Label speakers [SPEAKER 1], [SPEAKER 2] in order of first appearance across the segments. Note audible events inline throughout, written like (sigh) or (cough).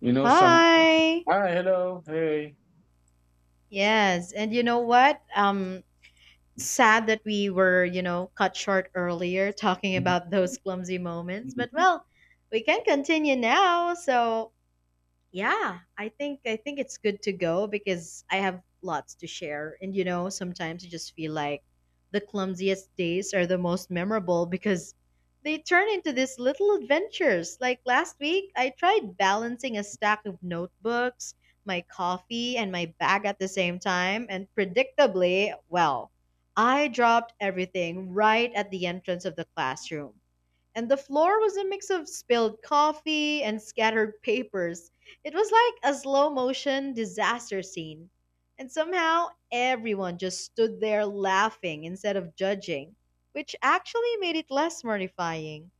[SPEAKER 1] You know some.
[SPEAKER 2] Hi.
[SPEAKER 1] Hi, hello, hey.
[SPEAKER 2] Yes, and you know what? Sad that we were, cut short earlier talking about those clumsy moments, but well, we can continue now. So, yeah, I think it's good to go because I have lots to share, and sometimes you just feel like the clumsiest days are the most memorable because they turn into these little adventures. Like last week, I tried balancing a stack of notebooks, my coffee, and my bag at the same time, and predictably, well, I dropped everything right at the entrance of the classroom, and the floor was a mix of spilled coffee and scattered papers. It was like a slow motion disaster scene. And somehow everyone just stood there laughing instead of judging, which actually made it less mortifying.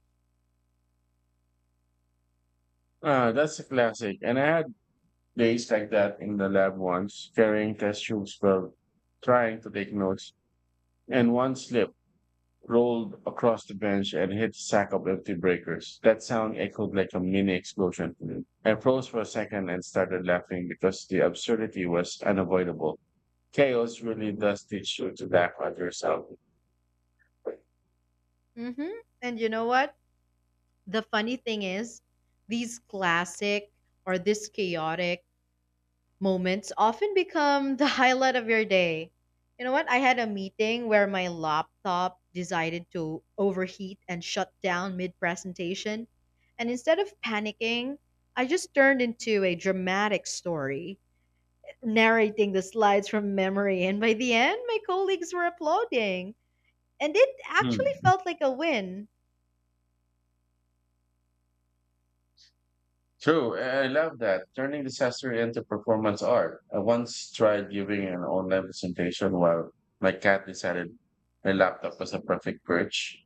[SPEAKER 1] Ah, that's a classic. And I had days like that in the lab once, carrying test tubes while trying to take notes, and one slip rolled across the bench and hit a sack of empty breakers. That sound echoed like a mini explosion to me. I froze for a second and started laughing because the absurdity was unavoidable. Chaos really does teach you to laugh at yourself.
[SPEAKER 2] Hmm. And you know what? The funny thing is, these classic or this chaotic moments often become the (laughs) highlight of your day. You know what? I had a meeting where my laptop decided to overheat and shut down mid presentation. And instead of panicking, I just turned into a dramatic story, narrating the slides from memory. And by the end, my colleagues were applauding. And it actually
[SPEAKER 1] Hmm.
[SPEAKER 2] felt like a win.
[SPEAKER 1] True, I love that. Turning disaster into performance art. I once tried giving an online presentation while my cat decided my laptop was a perfect perch.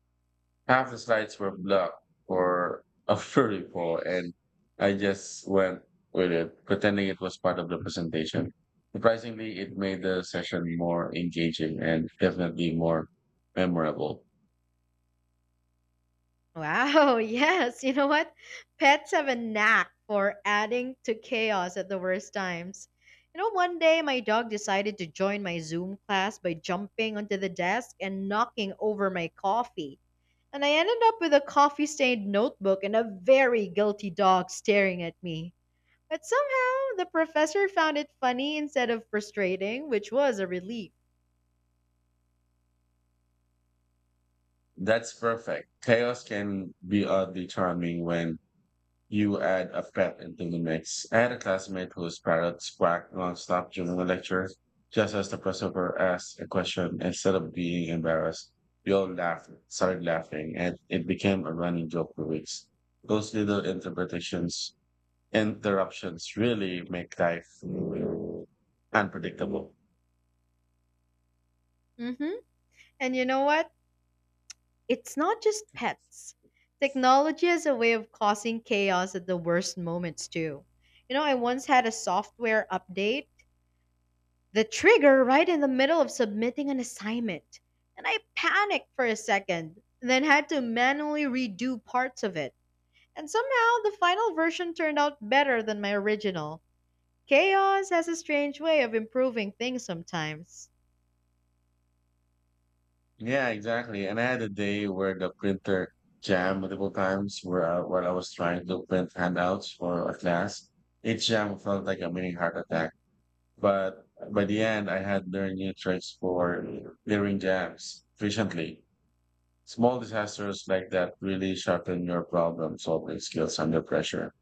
[SPEAKER 1] Half the slides were blocked for a vertical, (laughs) and I just went with it, pretending it was part of the presentation. Surprisingly, it made the session more engaging and definitely more memorable.
[SPEAKER 2] Wow, (laughs) yes. You know what? Pets have a knack for adding to chaos at the worst times. You know, one day my dog decided to join my Zoom class by jumping onto the desk and knocking over my coffee. And I ended up with a coffee stained notebook and a very guilty dog staring at me. But somehow the professor found it funny instead of frustrating, which was a relief.
[SPEAKER 1] That's perfect. Chaos can be oddly charming when you add a pet into the mix. I had a classmate whose parrots quacked nonstop during the lecture, just as the professor asked a question. Instead of being embarrassed, we all laughed, started laughing, and it became a running joke for weeks. Those little interruptions really make life unpredictable.
[SPEAKER 2] Hmm. And you know what? It's not just pets. Technology is a way of causing chaos at the worst moments, too. You know, I once had a software update, the trigger right in the middle of submitting an assignment, and I panicked for a second, then had to manually redo parts of it. And somehow the final version turned out better than my original. Chaos has a strange way of improving things sometimes.
[SPEAKER 1] Yeah, exactly. And I had a day where the printer jammed multiple times while I was trying to print handouts for a class. Each jam felt like a mini heart attack. But by the end, I had learned new tricks for clearing jams efficiently. Small disasters like that really sharpen your problem solving skills under pressure.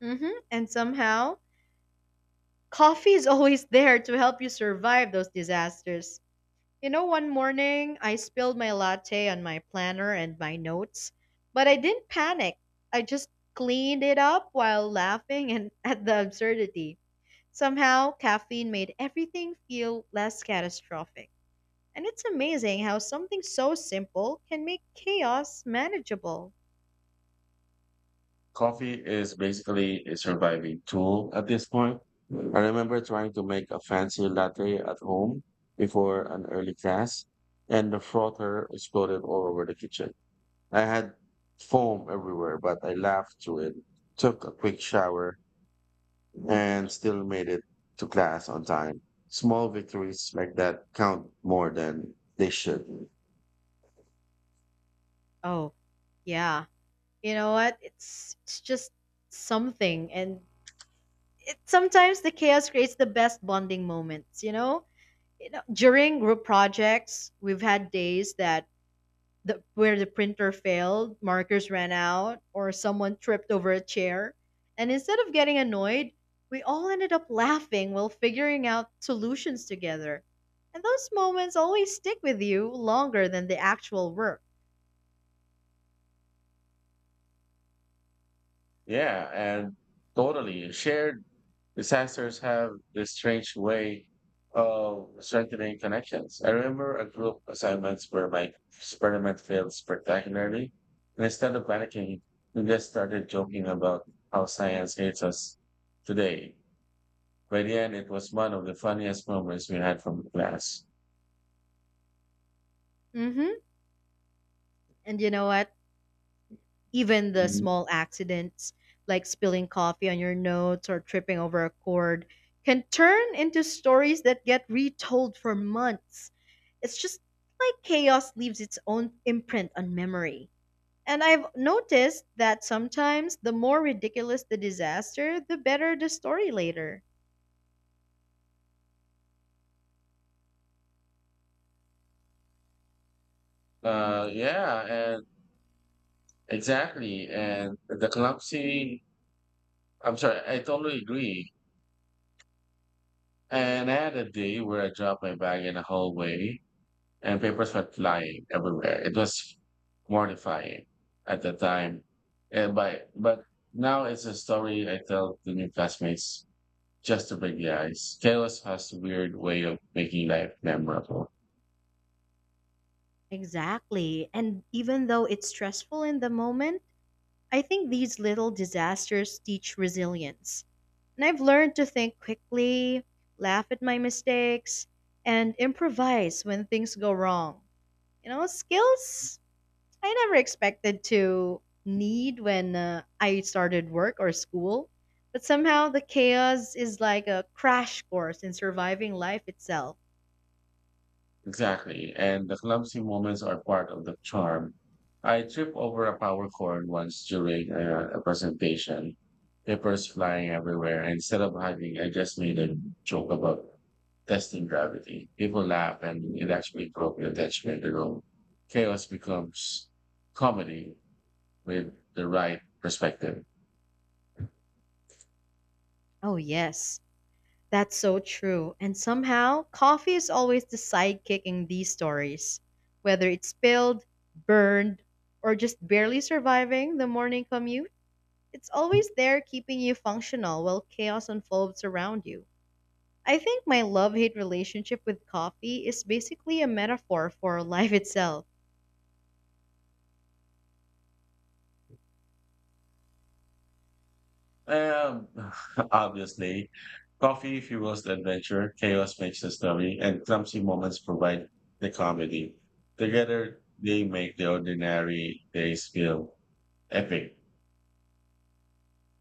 [SPEAKER 2] Hmm. And somehow, coffee is (laughs) always there to help you survive those disasters. You know, one morning I spilled my latte on my planner and my notes, but I didn't panic. I just cleaned it up while laughing and (laughs) at the absurdity. Somehow, caffeine made everything feel less catastrophic. And it's amazing how something so simple can make chaos manageable.
[SPEAKER 1] Coffee is basically a surviving tool at this point. I remember trying to make a fancy latte at home before an early class, and the frother exploded all over the kitchen. I had foam everywhere, but I laughed through it, took a quick shower, and still made it to class on time. Small victories like that count more than they should.
[SPEAKER 2] Oh, yeah. You know what? It's just something, and it sometimes the chaos creates the best bonding moments, you know? During group projects, we've had days that the where the printer failed, markers ran out, or someone tripped over a chair. And instead of getting annoyed, we all ended up laughing while figuring out solutions together. And those moments always stick with you longer than the actual work.
[SPEAKER 1] Yeah, and totally shared disasters have this strange way of strengthening connections. I remember a group assignments where my experiment failed spectacularly, and instead of panicking, we just started joking about how science hates us today. By the end, it was one of the funniest moments we had from the class.
[SPEAKER 2] Hmm. And you know what? Even the
[SPEAKER 1] Mhm.
[SPEAKER 2] small accidents, like spilling coffee on your notes or tripping over a cord, can turn into stories that get retold for months. It's just like chaos leaves its own imprint on memory. And I've noticed that sometimes the more ridiculous the disaster, the better the story later.
[SPEAKER 1] Yeah, and exactly. And the I totally agree. And I had a day where I dropped my bag in a hallway and papers were flying everywhere. It was mortifying at the time. And but now it's a story I tell the new classmates just to break the ice. Chaos has a weird way of making life memorable.
[SPEAKER 2] Exactly. And even though it's stressful in the moment, I think these little disasters teach resilience. And I've learned to think quickly, laugh at my mistakes, and improvise when things go wrong. You know, skills I never expected to need when I started work or school, but somehow the chaos is like a crash course in surviving life itself.
[SPEAKER 1] Exactly. And the clumsy moments are part of the charm. I tripped over a power cord once during a presentation, papers flying everywhere. Instead of hugging, I just made a joke about testing gravity. People laugh and it actually broke the attachment room. Chaos becomes comedy with the right perspective.
[SPEAKER 2] Oh, yes, that's so true. And somehow, coffee is always the sidekick in these stories. Whether it's spilled, burned, or just barely surviving the morning commute, it's always there keeping you functional while chaos unfolds around you. I think my love hate relationship with coffee is basically a metaphor for life itself.
[SPEAKER 1] Um, (laughs) obviously, coffee fuels the adventure, chaos makes the story, and clumsy moments provide the comedy. Together, they make the ordinary days feel epic.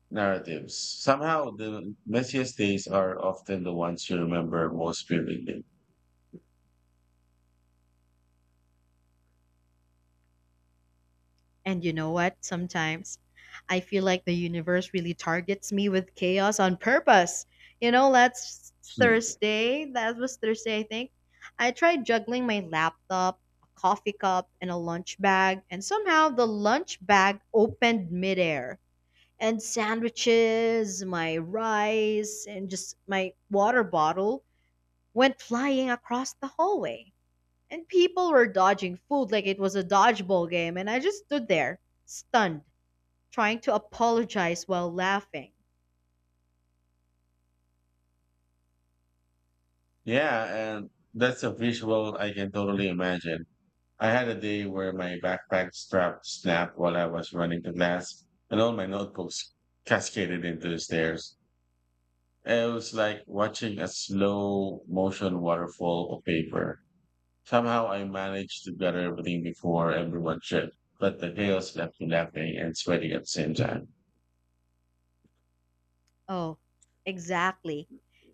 [SPEAKER 1] Narratives. Somehow, the messiest days are often the ones you remember most vividly.
[SPEAKER 2] And you know what? Sometimes I feel like the universe really targets me with chaos on purpose. You know,
[SPEAKER 1] Hmm.
[SPEAKER 2] That was Thursday, I think, I tried juggling my laptop, a coffee cup, and a lunch bag, and somehow the lunch bag opened midair. And sandwiches, my rice, and just my water bottle went flying across the hallway. And people were dodging food like it was a dodgeball game, and I just stood there, stunned, trying to apologize while laughing.
[SPEAKER 1] Yeah, and that's a visual I can totally imagine. I had a day where my backpack strap snapped while I was running to class, and all my notebooks cascaded into the stairs. It was like watching a slow motion waterfall of paper. Somehow I managed to gather everything before everyone should, but the chaos left me laughing and sweating at the same time.
[SPEAKER 2] Oh, exactly.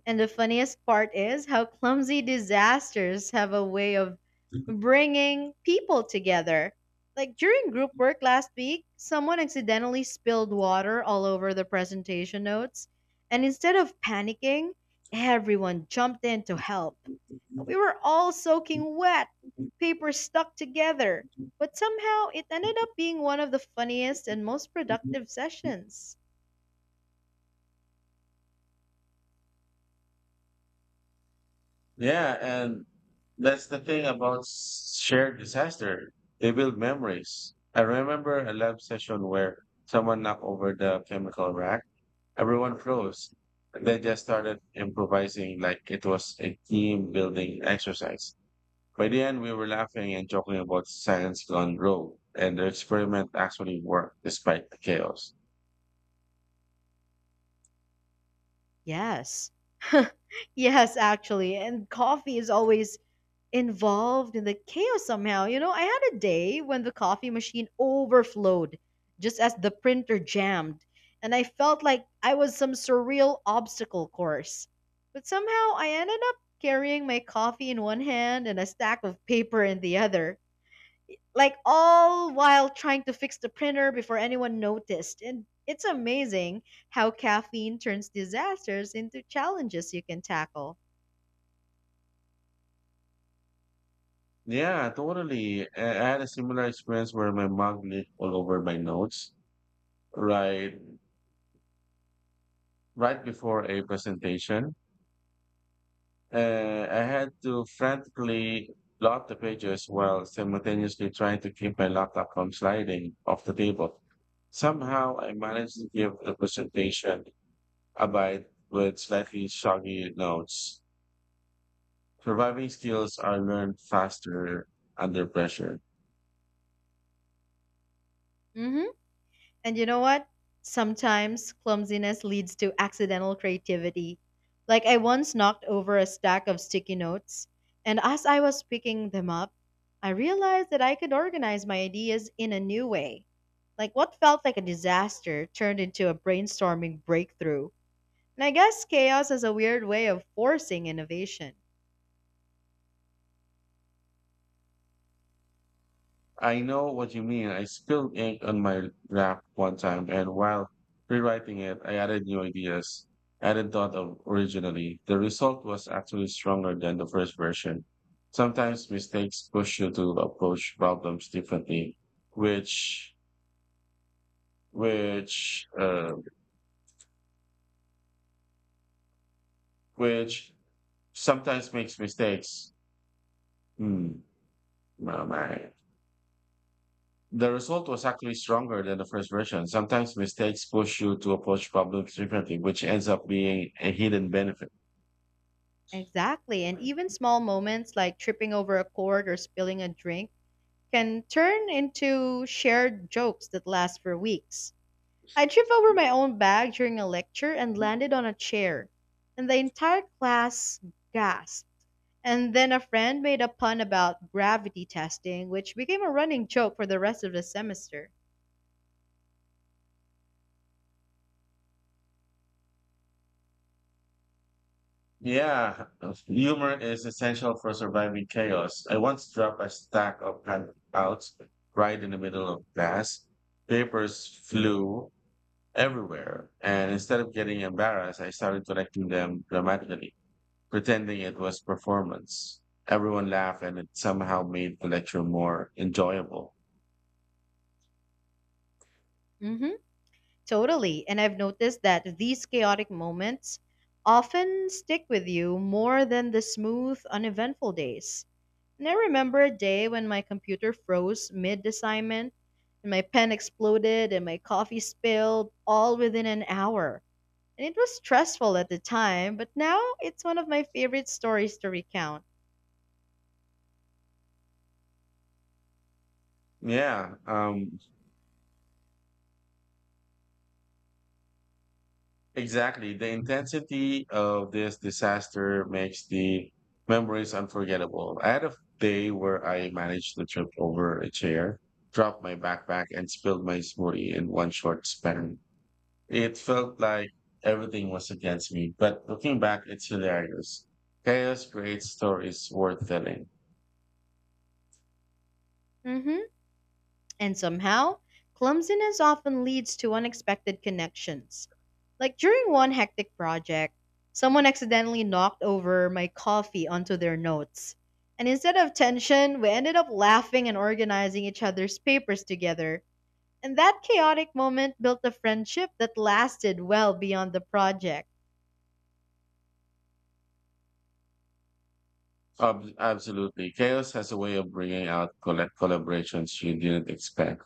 [SPEAKER 2] And the funniest part is how clumsy disasters have a way of bringing people together. Like during group work last week, someone accidentally spilled water all over the presentation notes, and instead of panicking, everyone jumped in to help. We were all soaking wet, paper stuck together, but somehow it ended up being one of the funniest and most productive sessions.
[SPEAKER 1] Yeah, and that's the thing about shared disaster. They build memories. I remember a lab session where someone knocked over the chemical rack. Everyone froze. They just started improvising like it was a team building exercise. By the end, we were laughing and joking about science gone rogue, and the experiment actually worked despite the chaos.
[SPEAKER 2] Yes. (laughs) Yes, actually. And coffee is always involved in the chaos somehow. You know, I had a day when the coffee machine overflowed just as the printer jammed, and I felt like I was some surreal obstacle course. But somehow I ended up carrying my coffee in one hand and a stack of paper in the other, like all while trying to fix the printer before anyone noticed. And it's amazing how caffeine turns disasters into challenges you can tackle.
[SPEAKER 1] Yeah, totally. I had a similar experience where my mug leaked all over my notes right right before a presentation. I had to frantically lock the pages while simultaneously trying to keep my laptop from sliding off the table. Somehow, I managed to give the presentation a bite with slightly soggy notes. Surviving skills are learned faster under pressure.
[SPEAKER 2] Hmm. And you know what? Sometimes clumsiness leads to accidental creativity. Like I once knocked over a stack of sticky notes, and as I was picking them up, I realized that I could organize my ideas in a new way. Like what felt like a disaster turned into a brainstorming breakthrough. And I guess chaos is a weird way of forcing innovation.
[SPEAKER 1] I know what you mean. I spilled ink on my lap one time, and while rewriting it, I added new ideas I hadn't thought of originally. The result was actually stronger than the first version. Sometimes mistakes push you to approach problems differently, which which uh, which sometimes makes mistakes. Hmm. Oh my. The result was actually stronger than the first version. Sometimes mistakes push you to approach problems differently, which ends up being a hidden benefit.
[SPEAKER 2] Exactly, and even small moments like tripping over a cord or spilling a drink can turn into shared jokes that last for weeks. I tripped over my own bag during a lecture and landed on a chair, and the entire class gasped. And then a friend made a pun about gravity testing, which became a running joke for the rest of the semester.
[SPEAKER 1] Yeah, humor is essential for surviving chaos. I once dropped a stack of handouts right in the middle of class. Papers flew everywhere, and instead of getting embarrassed, I started collecting them dramatically, pretending it was performance. Everyone laughed, and it somehow made the lecture more enjoyable.
[SPEAKER 2] Hmm. Totally. And I've noticed that these chaotic moments often stick with you more than the smooth, uneventful days. And I remember a day when my computer froze mid assignment and my pen exploded and my coffee spilled all within an hour. And it was stressful at the time, but now it's one of my favorite stories to recount.
[SPEAKER 1] Yeah, exactly. The intensity of this disaster makes the memories unforgettable. I had a day where I managed to trip over a chair, drop my backpack, and spilled my smoothie in one short span. It felt like everything was against me, but looking back, it's hilarious. Chaos creates stories worth telling.
[SPEAKER 2] Hmm. And somehow, clumsiness often leads to unexpected connections. Like during one hectic project, someone accidentally knocked over my coffee onto their notes. And instead of tension, we ended up laughing and organizing each other's papers together. And that chaotic moment built a friendship that lasted well beyond the project.
[SPEAKER 1] Absolutely. Chaos has a way of bringing out collaborations you didn't expect.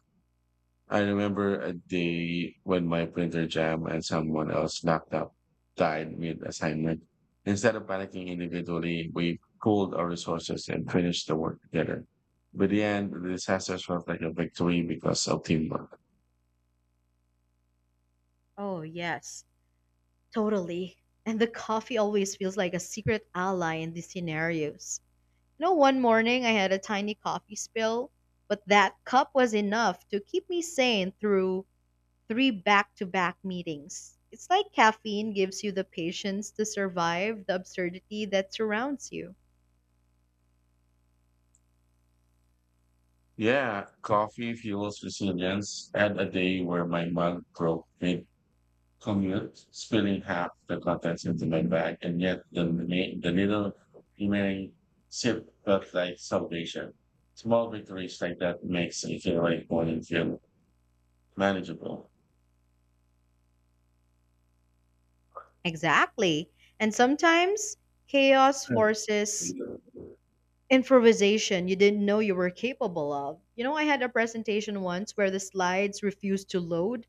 [SPEAKER 1] I remember a day when my printer jammed and someone else laptop died mid assignment. Instead of panicking individually, we pooled our resources and finished the work together. By the end, the disaster felt like a victory because of teamwork.
[SPEAKER 2] Oh, yes. Totally. And the coffee always feels like a secret ally in these scenarios. You know, one morning I had a tiny coffee spill, but that cup was enough to keep me sane through three back to back meetings. It's like caffeine gives you the patience to survive the absurdity that surrounds you.
[SPEAKER 1] Yeah, coffee fuels resilience. And a day where my mug broke mid commute, spilling half the contents into my bag, and yet the little remaining sip felt like salvation. Small victories like that makes it feel like morning feel manageable.
[SPEAKER 2] Exactly. And sometimes chaos forces improvisation you didn't know you were capable of. You know, I had a presentation once where the slides refused to load,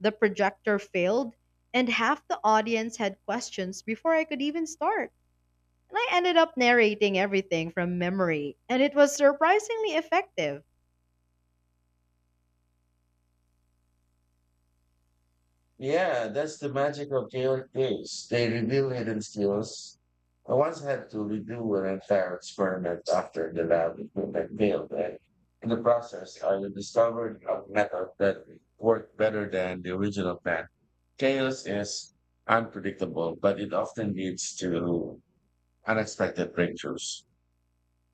[SPEAKER 2] the projector failed, and half the audience had questions before I could even start. And I ended up narrating everything from memory, and it was surprisingly effective.
[SPEAKER 1] Yeah, that's the magic of Gaelic days. They reveal hidden skills. I once had to redo an entire experiment after the lab equipment failed, and in the process, I discovered a method that worked better than the original plan. Chaos is unpredictable, but it often leads to unexpected breakthroughs.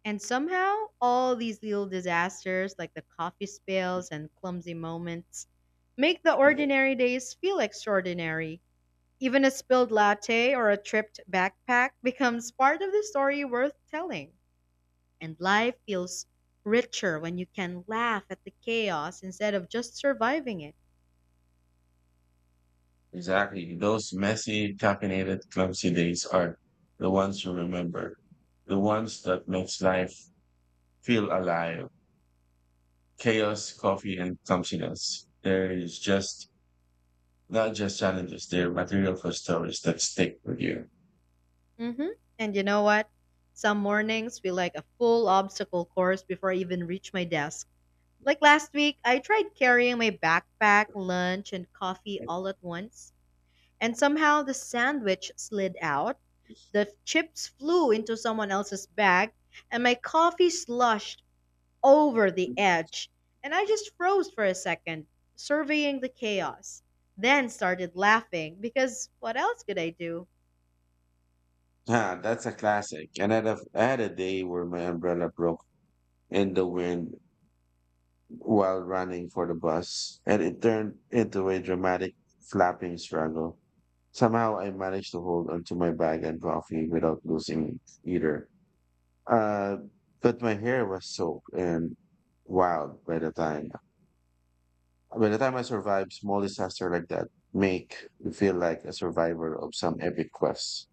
[SPEAKER 2] And somehow, all these little disasters, like the coffee spills and clumsy moments, make the ordinary days feel extraordinary. Even a spilled latte or a tripped backpack becomes part of the story worth telling. And life feels richer when you can laugh at the chaos instead of just surviving it.
[SPEAKER 1] Exactly. Those messy, caffeinated, clumsy days are the ones you remember, the ones that makes life feel alive. Chaos, coffee, and clumsiness. There is just not just challenges, there are material for stories that stick with you.
[SPEAKER 2] Hmm. And you know what? Some mornings feel like a full obstacle course before I even reach my desk. Like last week, I tried carrying my backpack, lunch, and coffee all at once, and somehow the sandwich slid out, the chips flew into someone else's bag, and my coffee sloshed over the edge, and I just froze for a second, surveying the chaos, then started laughing because what else could I do?
[SPEAKER 1] Ah, that's a classic. And I had a day where my umbrella broke in the wind while running for the bus, and it turned into a dramatic flapping struggle. Somehow I managed to hold onto my bag and coffee without losing either. Uh, but my hair was soaked and wild by the time I survive small disaster like that, make you feel like a survivor of some epic quest.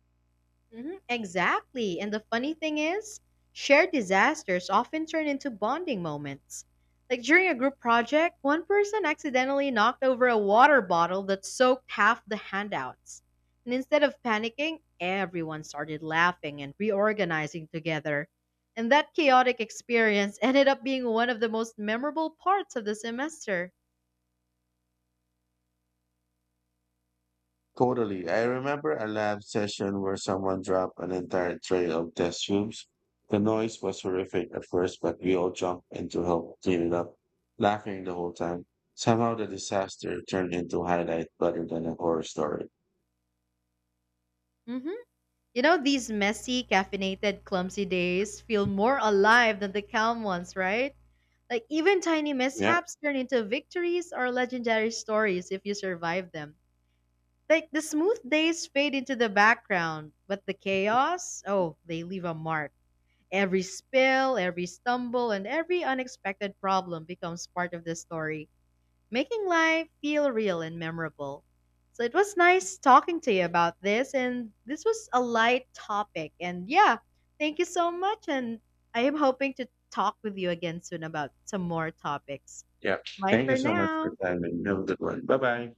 [SPEAKER 2] Mhm. Exactly. And the funny thing is, shared disasters often turn into bonding moments. Like during a group project, one person accidentally knocked over a water bottle that soaked half the handouts. And instead of panicking, everyone started laughing and reorganizing together. And that chaotic experience (laughs) ended up being one of the most memorable parts of the semester.
[SPEAKER 1] Totally. I remember a lab session where someone dropped an entire tray of test tubes. The noise was horrific at first, but we all jumped in to help clean it up, laughing the whole time. Somehow the disaster turned into a highlight rather than a horror story.
[SPEAKER 2] Hmm. You know, these messy, caffeinated, clumsy days feel more alive than the calm ones, right? Like even tiny
[SPEAKER 1] Yeah.
[SPEAKER 2] mishaps turn into victories or legendary stories if you survive them. Like the smooth days fade into the background, but the chaos, oh, they leave a mark. Every spill, every stumble, and every unexpected problem becomes part of the story, making life feel real and memorable. So it was nice talking to you about this, and this was a light topic. And yeah, thank you so much, and I am hoping to talk with you again soon about some more topics.
[SPEAKER 1] Yeah.
[SPEAKER 2] Bye
[SPEAKER 1] Thank you
[SPEAKER 2] for
[SPEAKER 1] so much for
[SPEAKER 2] now.
[SPEAKER 1] your time and have a good one. Bye bye.